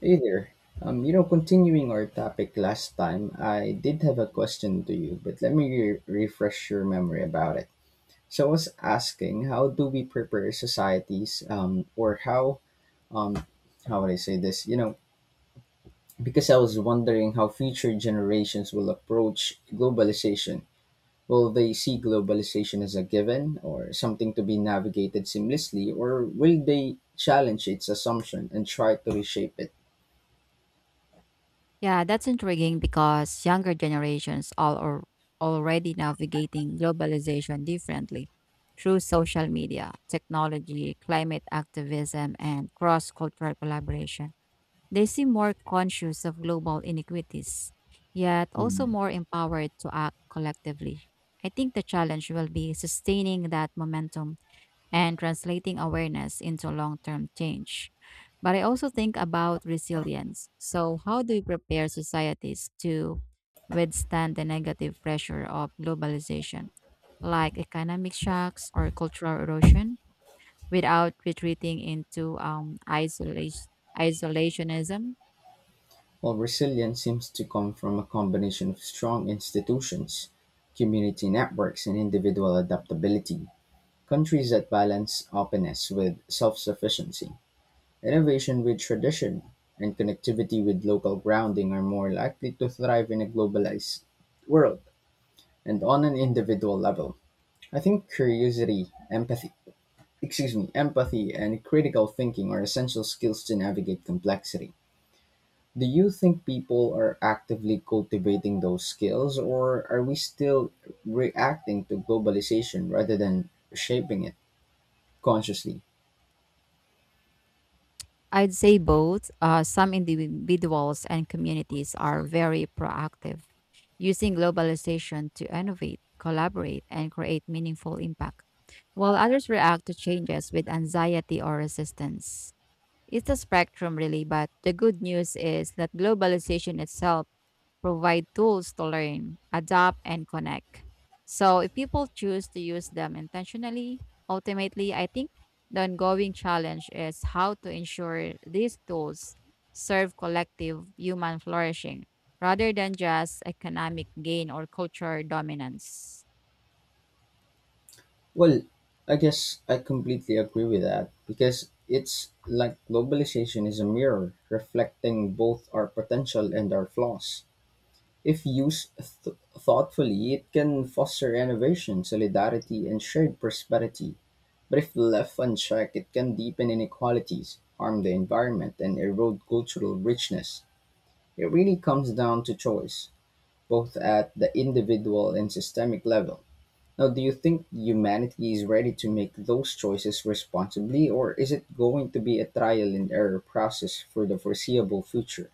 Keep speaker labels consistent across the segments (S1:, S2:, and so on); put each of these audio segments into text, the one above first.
S1: Hey there. Continuing our topic last time, I did have a question to you, but let me refresh your memory about it. So I was asking, how do we prepare societies, or um, how would I say this? You know, because I was wondering how future generations will approach globalization. Will they see globalization as a given, or something to be navigated seamlessly, or will they challenge its assumption and try to reshape it?
S2: Yeah, that's intriguing because younger generations all are already navigating globalization differently through social media, technology, climate activism, and cross-cultural collaboration. They seem more conscious of global inequities, yet also
S1: Mm-hmm.
S2: more empowered to act collectively. I think the challenge will be sustaining that momentum and translating awareness into long term change. But I also think about resilience. So, how do we prepare societies to withstand the negative pressure of globalization, like economic shocks or cultural erosion, without retreating into isolation, isolationism?
S1: While resilience seems to come from a combination of strong institutions, community networks, and individual adaptability, countries that balance openness with self sufficiency, innovation with tradition, and connectivity with local grounding are more likely to thrive in a globalized world. And on an individual level, I think curiosity, empathy, excuse me, empathy, and critical thinking are essential skills to navigate complexity. Do you think people are actively cultivating those skills, or are we still reacting to globalization rather than shaping it consciously?
S2: I'd say both. Some individuals and communities are very proactive using globalization to innovate, collaborate, and create meaningful impact, while others react to changes with anxiety or resistance. It's a spectrum, really, but the good news is that globalization itself provide tools to learn, adapt, and connect. So, if people choose to use them intentionally, ultimately, I think the ongoing challenge is how to ensure these tools serve collective human flourishing rather than just economic gain or cultural dominance.
S1: Well, I guess I completely agree with that because it's like globalization is a mirror reflecting both our potential and our flaws. If used thoughtfully, it can foster innovation, solidarity, and shared prosperity. But if left unchecked, it can deepen inequalities, harm the environment, and erode cultural richness. It really comes down to choice, both at the individual and systemic level. Now, do you think humanity is ready to make those choices responsibly, or is it going to be a trial and error process for the foreseeable future?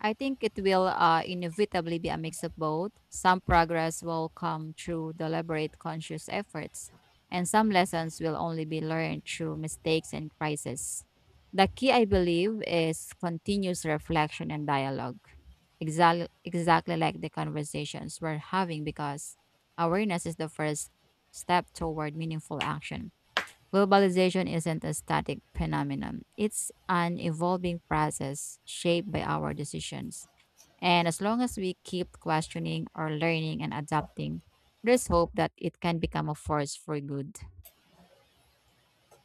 S2: I think it will inevitably be a mix of both. Some progress will come through deliberate, conscious efforts, and some lessons will only be learned through mistakes and crises. The key, I believe, is continuous reflection and dialogue, exactly like the conversations we're having, because awareness is the first step toward meaningful action. Globalization isn't a static phenomenon, it's an evolving process shaped by our decisions. And as long as we keep questioning or learning and adapting, there's hope that it can become a force for good.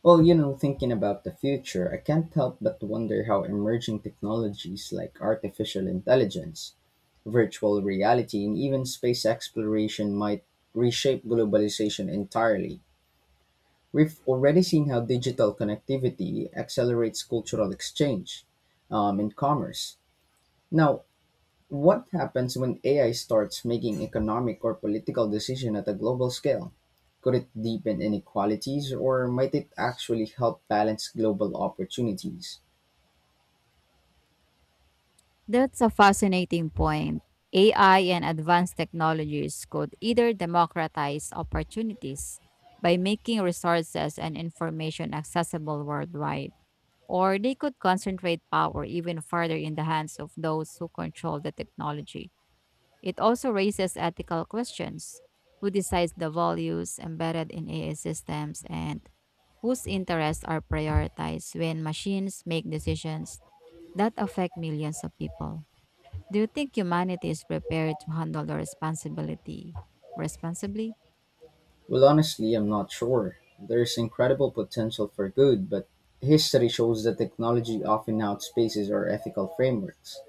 S1: Well, you know, thinking about the future, I can't help but wonder how emerging technologies like artificial intelligence virtual reality, and even space exploration might reshape globalization entirely. We've already seen how digital connectivity accelerates cultural exchange and commerce. Now, what happens when AI starts making economic or political decisions at a global scale? Could it deepen inequalities or might it actually help balance global opportunities?
S2: That's a fascinating point. AI and advanced technologies could either democratize opportunities by making resources and information accessible worldwide, or they could concentrate power even further in the hands of those who control the technology. It also raises ethical questions. Who decides the values embedded in AI systems and whose interests are prioritized when machines make decisions that affect millions of people? Do you think humanity is prepared to handle the responsibility responsibly?
S1: Well, honestly, I'm not sure. There's incredible potential for good, but history shows that technology often outpaces our ethical frameworks.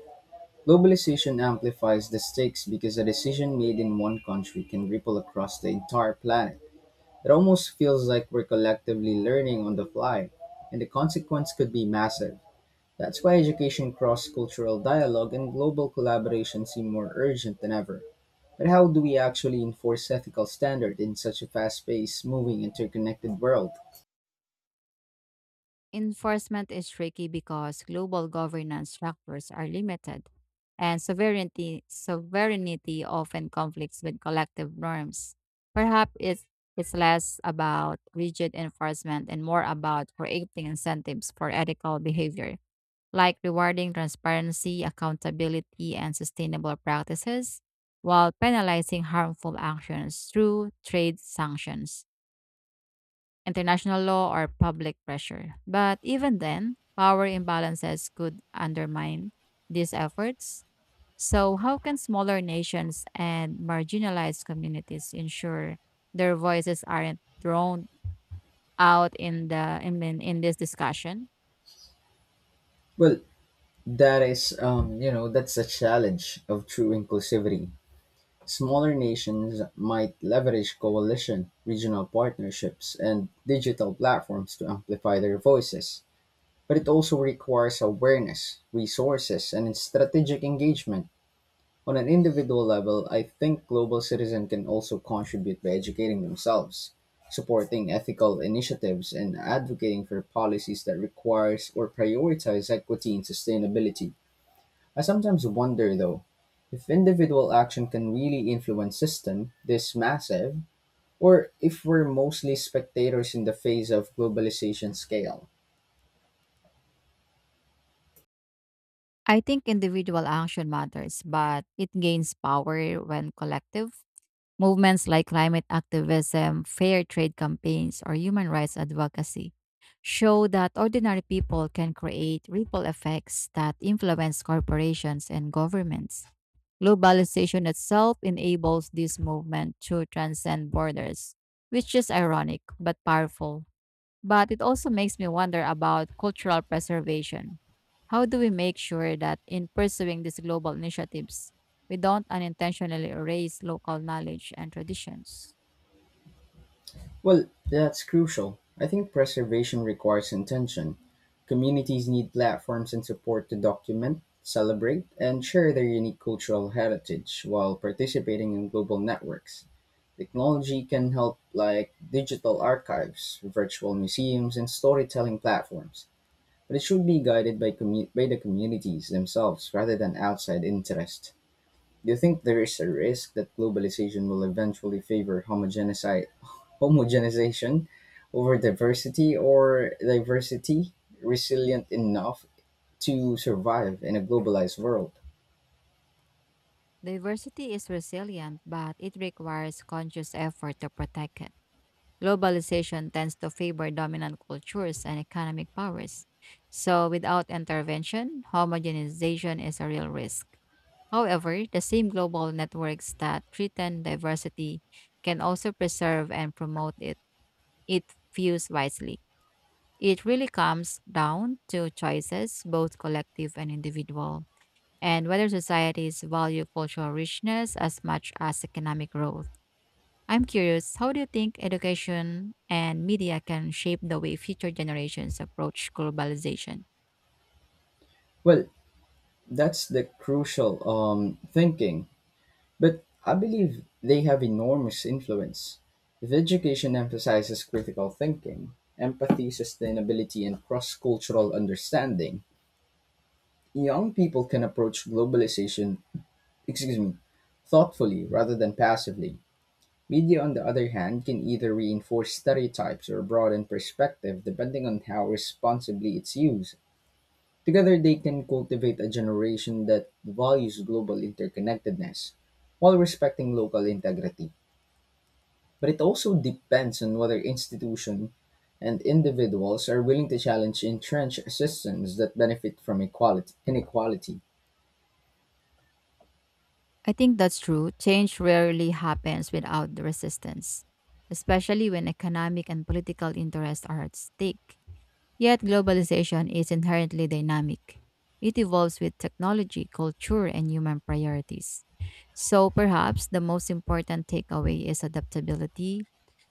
S1: Globalization amplifies the stakes because a decision made in one country can ripple across the entire planet. It almost feels like we're collectively learning on the fly, and the consequence could be massive. That's why education, cross cultural dialogue, and global collaboration seem more urgent than ever. But how do we actually enforce ethical standards in such a fast-paced, moving, interconnected world?
S2: Enforcement is tricky because global governance structures are limited, and sovereignty often conflicts with collective norms. Perhaps it's less about rigid enforcement and more about creating incentives for ethical behavior, like rewarding transparency, accountability, and sustainable practices, while penalizing harmful actions through trade sanctions, international law, or public pressure. But even then, power imbalances could undermine these efforts. So, how can smaller nations and marginalized communities ensure their voices aren't thrown out in in this discussion?
S1: Well, that is, that's a challenge of true inclusivity. Smaller nations might leverage coalition, regional partnerships, and digital platforms to amplify their voices. But it also requires awareness, resources, and strategic engagement. On an individual level, I think global citizens can also contribute by educating themselves, supporting ethical initiatives, and advocating for policies that requires or prioritize equity and sustainability. I sometimes wonder though, if individual action can really influence system this massive or if we're mostly spectators in the face of globalization scale.
S2: I think individual action matters, but it gains power when collective. Movements like climate activism, fair trade campaigns, or human rights advocacy show that ordinary people can create ripple effects that influence corporations and governments. Globalization itself enables this movement to transcend borders, which is ironic but powerful. But it also makes me wonder about cultural preservation. How do we make sure that in pursuing these global initiatives, we don't unintentionally erase local knowledge and traditions?
S1: Well, that's crucial. I think preservation requires intention. Communities need platforms and support to document, celebrate, and share their unique cultural heritage while participating in global networks. Technology can help, like digital archives, virtual museums, and storytelling platforms, but it should be guided by, by the communities themselves rather than outside interest. Do you think there is a risk that globalization will eventually favor homogenization over diversity or diversity resilient enough to survive in a globalized world?
S2: Diversity is resilient, but it requires conscious effort to protect it. Globalization tends to favor dominant cultures and economic powers. So, without intervention, homogenization is a real risk. However, the same global networks that threaten diversity can also preserve and promote it. It views wisely. It really comes down to choices, both collective and individual, and whether societies value cultural richness as much as economic growth. I'm curious, how do you think education and media can shape the way future generations approach globalization?
S1: Well, that's the crucial thinking, but I believe they have enormous influence. If education emphasizes critical thinking, empathy, sustainability, and cross cultural understanding, young people can approach globalization excuse me, thoughtfully rather than passively. Media, on the other hand, can either reinforce stereotypes or broaden perspective depending on how responsibly it's used. Together, they can cultivate a generation that values global interconnectedness while respecting local integrity. But it also depends on whether institutions and individuals are willing to challenge entrenched systems that benefit from equality, inequality.
S2: I think that's true. Change rarely happens without the resistance, especially when economic and political interests are at stake. Yet, globalization is inherently dynamic. It evolves with technology, culture, and human priorities. So, perhaps the most important takeaway is adaptability.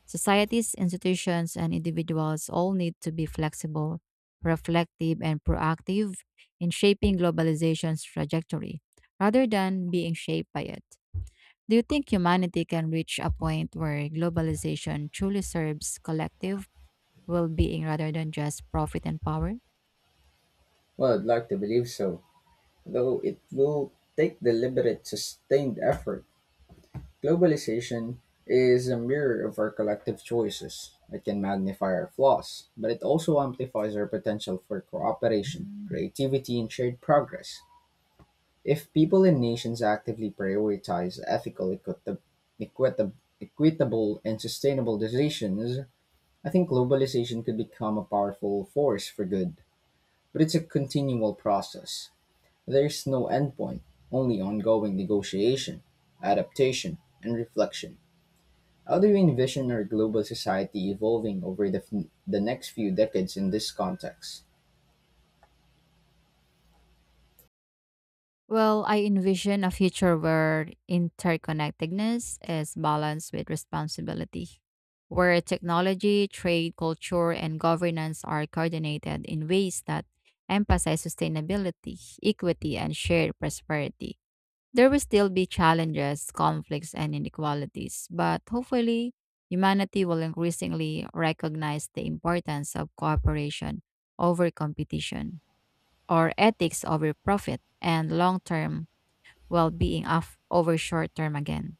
S2: Societies, institutions, and individuals all need to be flexible, reflective, and proactive in shaping globalization's trajectory rather than being shaped by it. Do you think humanity can reach a point where globalization truly serves collective well being rather than just profit and power?
S1: Well, I'd like to believe so, though it will take deliberate, sustained effort. Globalization is a mirror of our collective choices. It can magnify our flaws, but it also amplifies our potential for cooperation, creativity, and shared progress. If people and nations actively prioritize ethical, equitable, equitable and sustainable decisions, I think globalization could become a powerful force for good. But it's a continual process. There's no endpoint, only ongoing negotiation, adaptation, and reflection. How do you envision our global society evolving over the next few decades in this context?
S2: Well, I envision a future where interconnectedness is balanced with responsibility, where technology, trade, culture, and governance are coordinated in ways that emphasize sustainability, equity, and shared prosperity. There will still be challenges, conflicts, and inequalities, but hopefully, humanity will increasingly recognize the importance of cooperation over competition, or ethics over profit, and long term well being over short term again.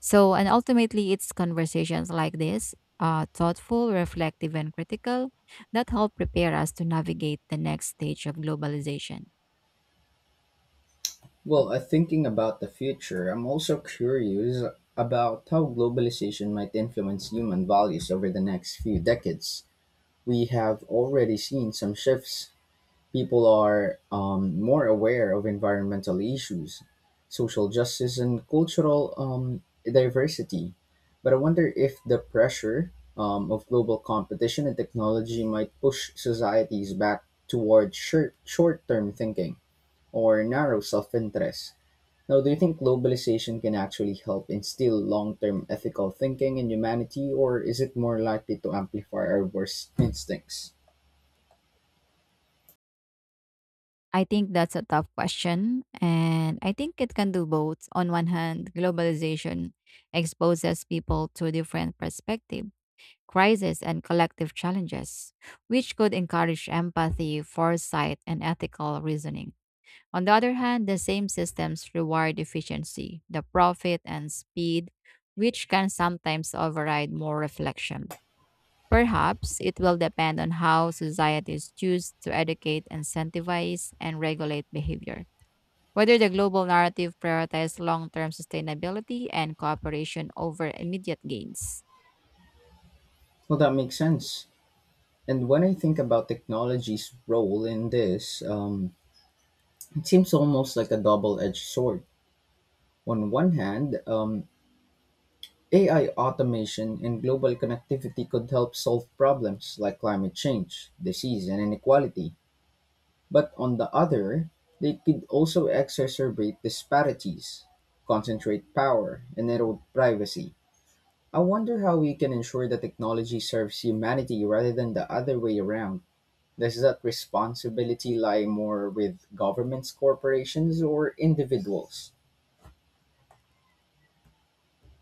S2: So, and ultimately, it's conversations like this. Thoughtful, reflective, and critical that help prepare us to navigate the next stage of globalization.
S1: Well, thinking about the future, I'm also curious about how globalization might influence human values over the next few decades. We have already seen some shifts. People are more aware of environmental issues, social justice, and cultural diversity. But I wonder if the pressure of global competition and technology might push societies back toward short term thinking or narrow self interest. Now, do you think globalization can actually help instill long term ethical thinking in humanity, or is it more likely to amplify our worst instincts?
S2: I think that's a tough question. And I think it can do both. On one hand, globalization exposes people to different perspectives, crises, and collective challenges, which could encourage empathy, foresight, and ethical reasoning. On the other hand, the same systems reward efficiency, the profit, and speed, which can sometimes override more reflection. Perhaps it will depend on how societies choose to educate, incentivize, and regulate behavior. Whether the global narrative prioritizes long term sustainability and cooperation over immediate gains.
S1: Well, that makes sense. And when I think about technology's role in this, it seems almost like a double edged sword. On one hand, AI automation and global connectivity could help solve problems like climate change, disease, and inequality. But on the other, they could also exacerbate disparities, concentrate power, and erode privacy. I wonder how we can ensure that technology serves humanity rather than the other way around. Does that responsibility lie more with governments, corporations, or individuals?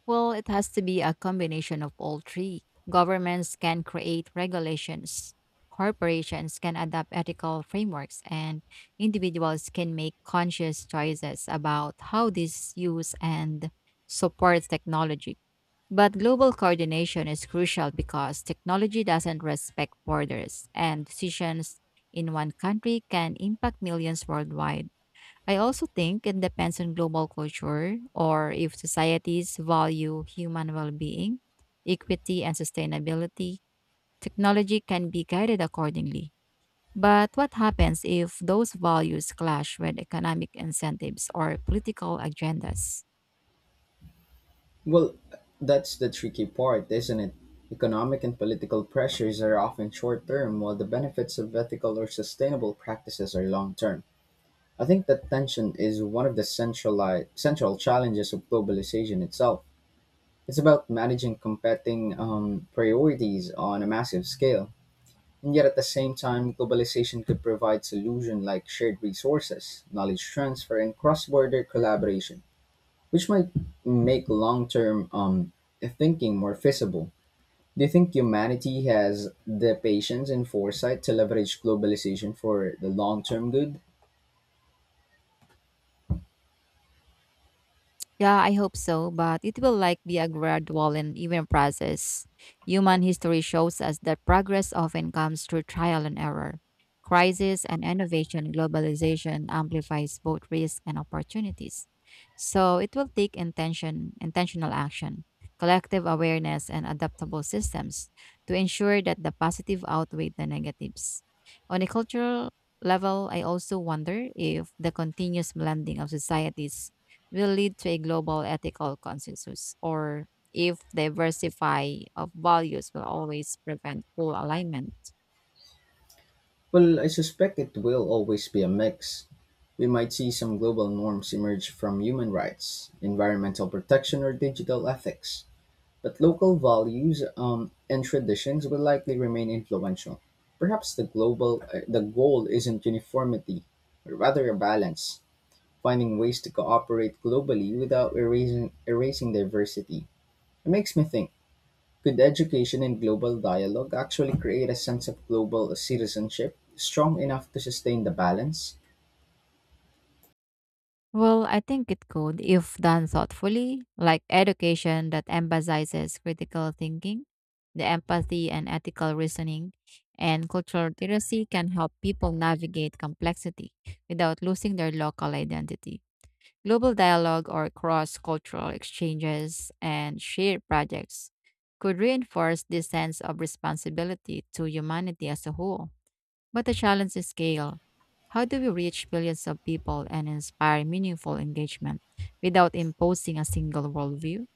S2: Well, it has to be a combination of all three. Governments can create regulations, corporations can adopt ethical frameworks, and individuals can make conscious choices about how they use and support technology. But global coordination is crucial because technology doesn't respect borders, and decisions in one country can impact millions worldwide. I also think it depends on global culture or if societies value human well being, equity, and sustainability. Technology can be guided accordingly. But what happens if those values clash with economic incentives or political agendas?
S1: Well, that's the tricky part, isn't it? Economic and political pressures are often short term, while the benefits of ethical or sustainable practices are long term. I think that tension is one of the central challenges of globalization itself. It's about managing competing priorities on a massive scale. And yet, at the same time, globalization could provide solutions like shared resources, knowledge transfer, and cross border collaboration, which might make long term thinking more feasible. Do you think humanity has the patience and foresight to leverage globalization for the long term good?
S2: Yeah, I hope so, but it will like be a gradual and even process. Human history shows us that progress often comes through trial and error. Crisis and innovation, globalization amplifies both risks and opportunities. So it will take intention, intentional action, collective awareness, and adaptable systems to ensure that the positive outweigh the negatives. On a cultural level, I also wonder if the continuous blending of societies will lead to a global ethical consensus or if diversify of values will always prevent full alignment?
S1: Well, I suspect it will always be a mix. We might see some global norms emerge from human rights, environmental protection, or digital ethics. But local values and traditions will likely remain influential. Perhaps the global the goal isn't uniformity, but rather a balance, finding ways to cooperate globally without erasing diversity. It makes me think: could education and global dialogue actually create a sense of global citizenship strong enough to sustain the balance?
S2: Well, I think it could if done thoughtfully, like education that emphasizes critical thinking, the empathy and ethical reasoning, and cultural literacy can help people navigate complexity without losing their local identity. Global dialogue or cross cultural exchanges and shared projects could reinforce this sense of responsibility to humanity as a whole. But the challenge is scale. How do we reach billions of people and inspire meaningful engagement without imposing a single worldview?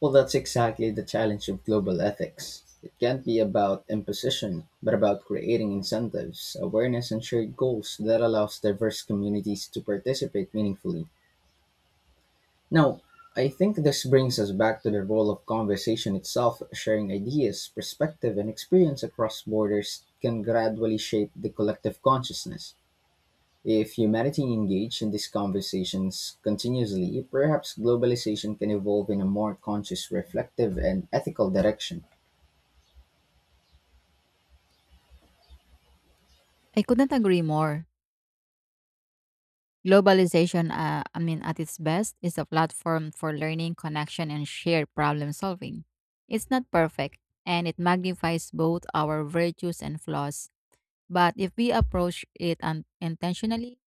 S1: Well, that's exactly the challenge of global ethics. It can't be about imposition, but about creating incentives, awareness, and shared goals that allows diverse communities to participate meaningfully. Now, I think this brings us back to the role of conversation itself. Sharing ideas, perspective, and experience across borders can gradually shape the collective consciousness. If humanity engaged in these conversations continuously, perhaps globalization can evolve in a more conscious, reflective, and ethical direction.
S2: I couldn't agree more. Globalization, at its best, is a platform for learning, connection, and shared problem solving. It's not perfect, and it magnifies both our virtues and flaws. But if we approach it un- intentionally,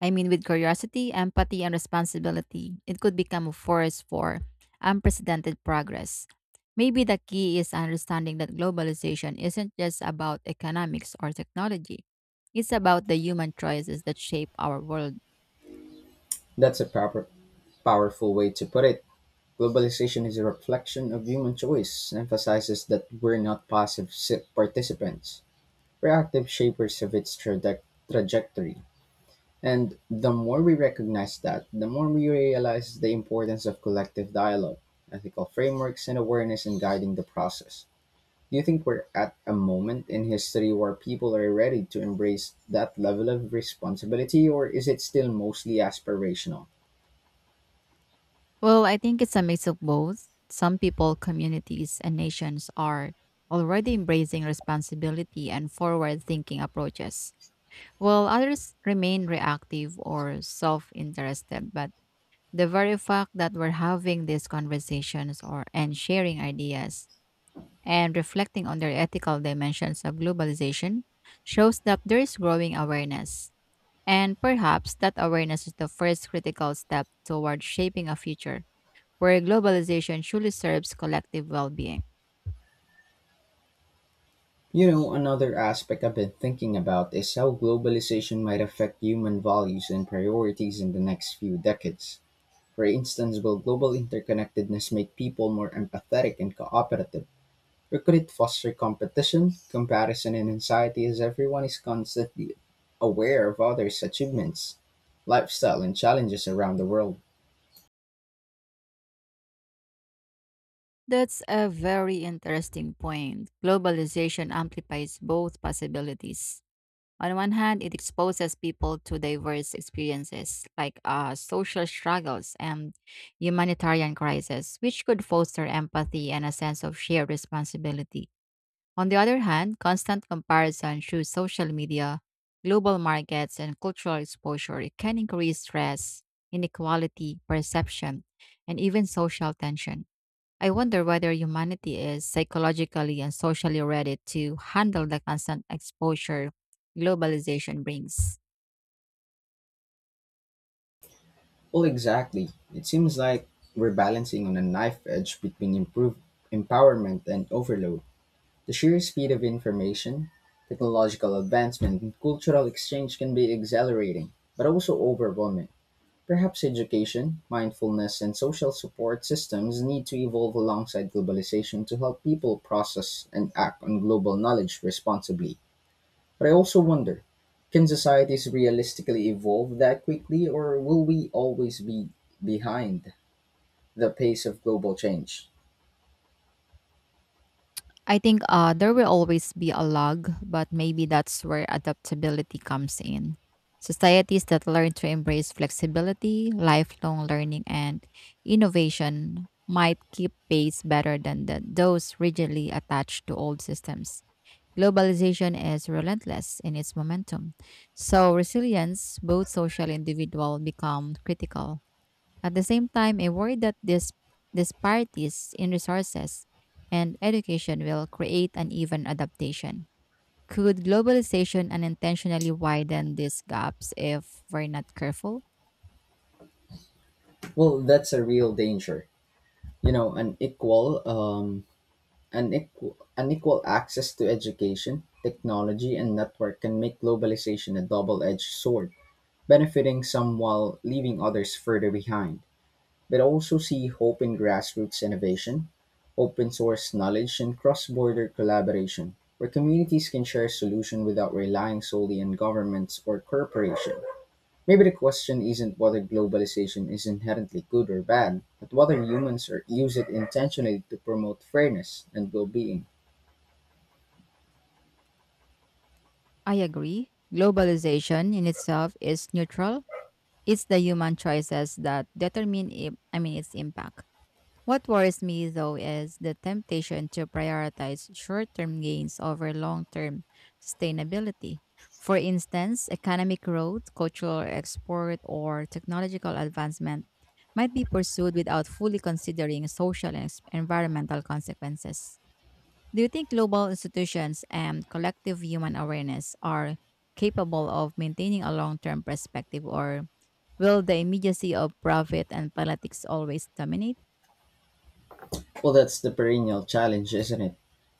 S2: I mean with curiosity, empathy, and responsibility, it could become a force for unprecedented progress. Maybe the key is understanding that globalization isn't just about economics or technology. It's about the human choices that shape our world.
S1: That's a proper, powerful way to put it. Globalization is a reflection of human choice, emphasizes that we're not passive participants. We're active shapers of its trajectory. And the more we recognize that, the more we realize the importance of collective dialogue, ethical frameworks, and awareness in guiding the process. Do you think we're at a moment in history where people are ready to embrace that level of responsibility, or is it still mostly aspirational?
S2: Well, I think it's a mix of both. Some people, communities, and nations are already embracing responsibility and forward thinking approaches while others remain reactive or self interested. But the very fact that we're having these conversations or and sharing ideas and reflecting on their ethical dimensions of globalization shows that there is growing awareness. And perhaps that awareness is the first critical step toward shaping a future where globalization truly serves collective well being.
S1: You know, another aspect I've been thinking about is how globalization might affect human values and priorities in the next few decades. For instance, will global interconnectedness make people more empathetic and cooperative? Recruit foster competition, comparison and anxiety as everyone is constantly aware of others' achievements, lifestyle and challenges around the world.
S2: That's a very interesting point. Globalization amplifies both possibilities. On one hand, it exposes people to diverse experiences like social struggles and humanitarian crises, which could foster empathy and a sense of shared responsibility. On the other hand, constant comparison through social media, global markets, and cultural exposure it can increase stress, inequality, perception, and even social tension. I wonder whether humanity is psychologically and socially ready to handle the constant exposure globalization brings.
S1: Well exactly. It seems like we're balancing on a knife edge between improved empowerment and overload. The sheer speed of information, technological advancement and cultural exchange can be exhilarating, but also overwhelming. Perhaps education, mindfulness, and social support systems need to evolve alongside globalization to help people process and act on global knowledge responsibly. But I also wonder can societies realistically evolve that quickly, or will we always be behind the pace of global change?
S2: I think there will always be a lag, but maybe that's where adaptability comes in. Societies that learn to embrace flexibility, lifelong learning, and innovation might keep pace better than the, those rigidly attached to old systems. Globalization is relentless in its momentum, so resilience, both social and individual, become critical. At the same time, I worry that this disparities in resources and education will create uneven adaptation. Could globalization unintentionally widen these gaps if we're not careful?
S1: Well, that's a real danger. You know, an unequal access to education, technology, and network can make globalization a double edged sword, benefiting some while leaving others further behind, but also see hope in grassroots innovation, open source knowledge, and cross border collaboration, where communities can share solutions without relying solely on governments or corporations. Maybe the question isn't whether globalization is inherently good or bad, but whether humans are, use it intentionally to promote fairness and well being.
S2: I agree. Globalization in itself is neutral. It's the human choices that determine it, I mean its impact. What worries me though is the temptation to prioritize short-term gains over long-term sustainability. For instance, economic growth, cultural export, or technological advancement might be pursued without fully considering social and environmental consequences. Do you think global institutions and collective human awareness are capable of maintaining a long term perspective, or will the immediacy of profit and politics always dominate?
S1: Well, that's the perennial challenge, isn't it?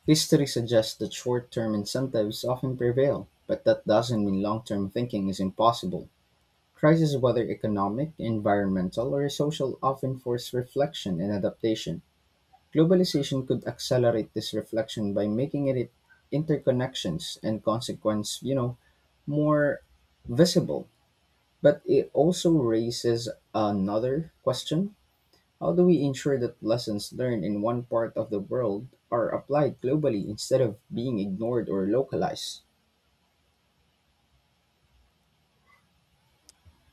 S1: History suggests that short term incentives often prevail, but that doesn't mean long term thinking is impossible. Crises, whether economic, environmental, or social, often force reflection and adaptation. Globalization could accelerate this reflection by making it interconnections and consequence, you know, more visible. But it also raises another question: how do we ensure that lessons learned in one part of the world are applied globally instead of being ignored or localized?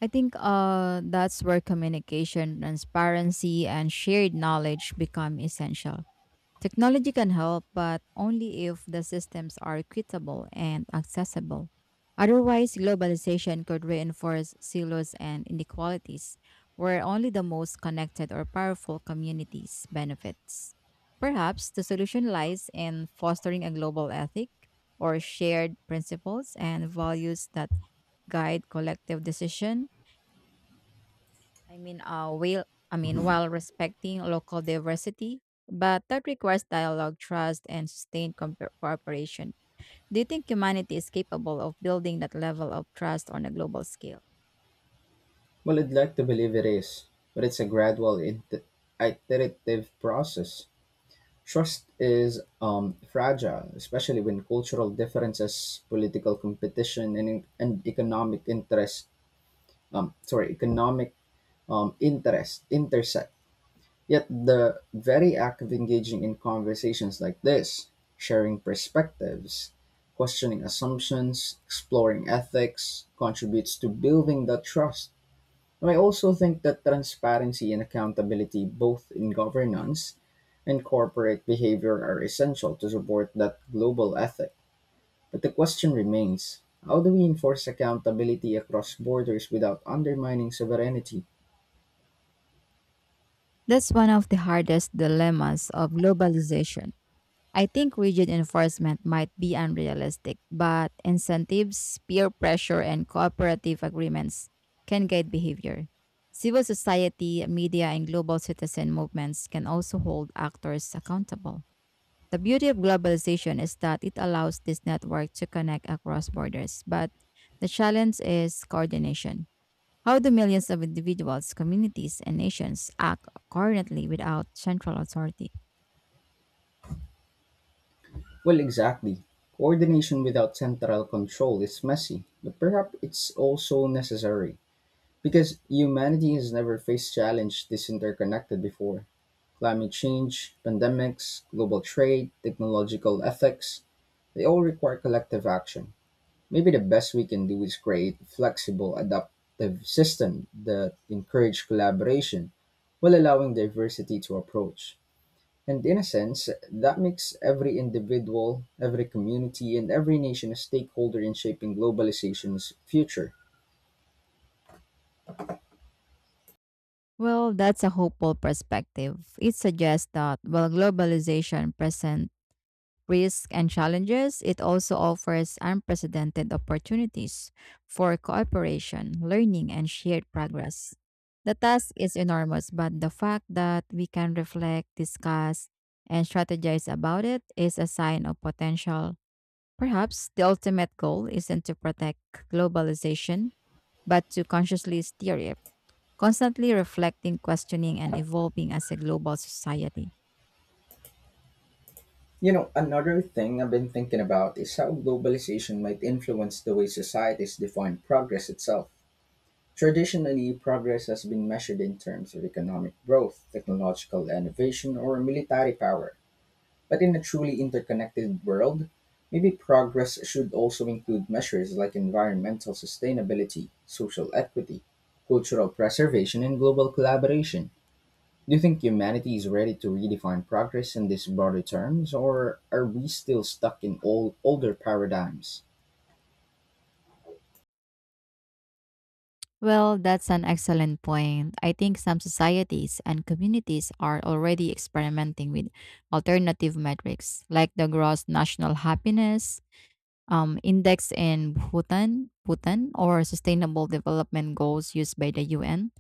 S2: I think that's where communication, transparency, and shared knowledge become essential. Technology can help, but only if the systems are equitable and accessible. Otherwise, globalization could reinforce silos and inequalities, where only the most connected or powerful communities benefits. Perhaps the solution lies in fostering a global ethic or shared principles and values that guide collective decision I mean, will I mean
S1: Mhm.
S2: while respecting local diversity, but that requires dialogue, trust, and sustained cooperation. Do you think humanity is capable of building that level of trust on a global scale?
S1: Well, I'd like to believe it is, but it's a gradual, iterative process. Trust is fragile, especially when cultural differences, political competition, and economic interest, sorry, economic interest intersect. Yet the very act of engaging in conversations like this, sharing perspectives, questioning assumptions, exploring ethics, contributes to building that trust. And I also think that transparency and accountability, both in governance and corporate behavior, are essential to support that global ethic. But the question remains: how do we enforce accountability across borders without undermining sovereignty?
S2: That's one of the hardest dilemmas of globalization. I think rigid enforcement might be unrealistic, but incentives, peer pressure, and cooperative agreements can guide behavior. Civil society, media, and global citizen movements can also hold actors accountable. The beauty of globalization is that it allows this network to connect across borders, but the challenge is coordination. How do millions of individuals, communities, and nations act coordinately without central authority?
S1: Well, exactly. Coordination without central control is messy, but perhaps it's also necessary because humanity has never faced challenge this interconnected before. Climate change, pandemics, global trade, technological ethics, they all require collective action. Maybe the best we can do is create a flexible, adaptive system that encourage collaboration while allowing diversity to approach. And in a sense, that makes every individual, every community, and every nation a stakeholder in shaping globalization's future.
S2: Well, that's a hopeful perspective. It suggests that while globalization presents risks and challenges, it also offers unprecedented opportunities for cooperation, learning, and shared progress. The task is enormous, but the fact that we can reflect, discuss, and strategize about it is a sign of potential. Perhaps the ultimate goal isn't to protect globalization, but to consciously steer it constantly reflecting, questioning, and evolving as a global society.
S1: You know, another thing I've been thinking about is how globalization might influence the way societies define progress itself. Traditionally, progress has been measured in terms of economic growth, technological innovation, or military power. But in a truly interconnected world, maybe progress should also include measures like environmental sustainability, social equity, cultural preservation, and global collaboration. Do you think humanity is ready to redefine progress in these broader terms, or are we still stuck in old, older paradigms?
S2: Well, that's an excellent point. I think some societies and communities are already experimenting with alternative metrics like the gross national happiness index in Bhutan or sustainable development goals used by the UN.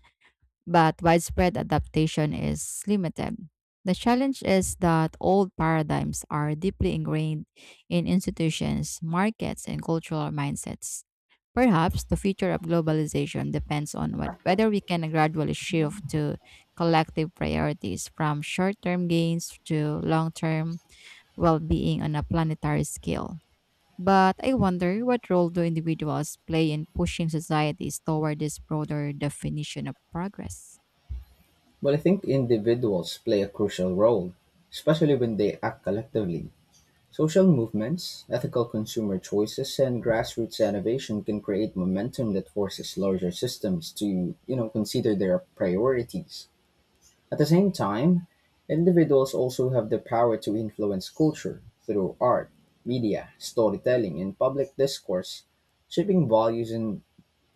S2: But widespread adaptation is limited. The challenge is that old paradigms are deeply ingrained in institutions, markets, and cultural mindsets. Perhaps the future of globalization depends on what, whether we can gradually shift to collective priorities from short term gains to long term well being on a planetary scale. But I wonder what role do individuals play in pushing societies toward this broader definition of progress?
S1: Well, I think individuals play a crucial role, especially when they act collectively. Social movements, ethical consumer choices, and grassroots innovation can create momentum that forces larger systems to, you know, consider their priorities. At the same time, individuals also have the power to influence culture through art, media, storytelling, and public discourse, shaping values in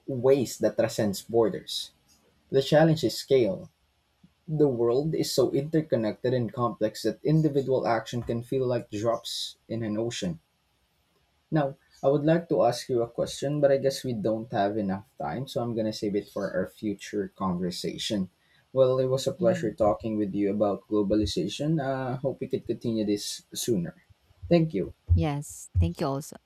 S1: ways that transcends borders. The challenge is scale. The world is so interconnected and complex that individual action can feel like drops in an ocean now, I would like to ask you a question, but I guess we don't have enough time, so I'm going to save it for our future conversation. Well, it was a pleasure
S2: Mhm.
S1: talking with you about globalization. Hope we could continue this sooner. Thank you.
S2: Yes. Thank you also.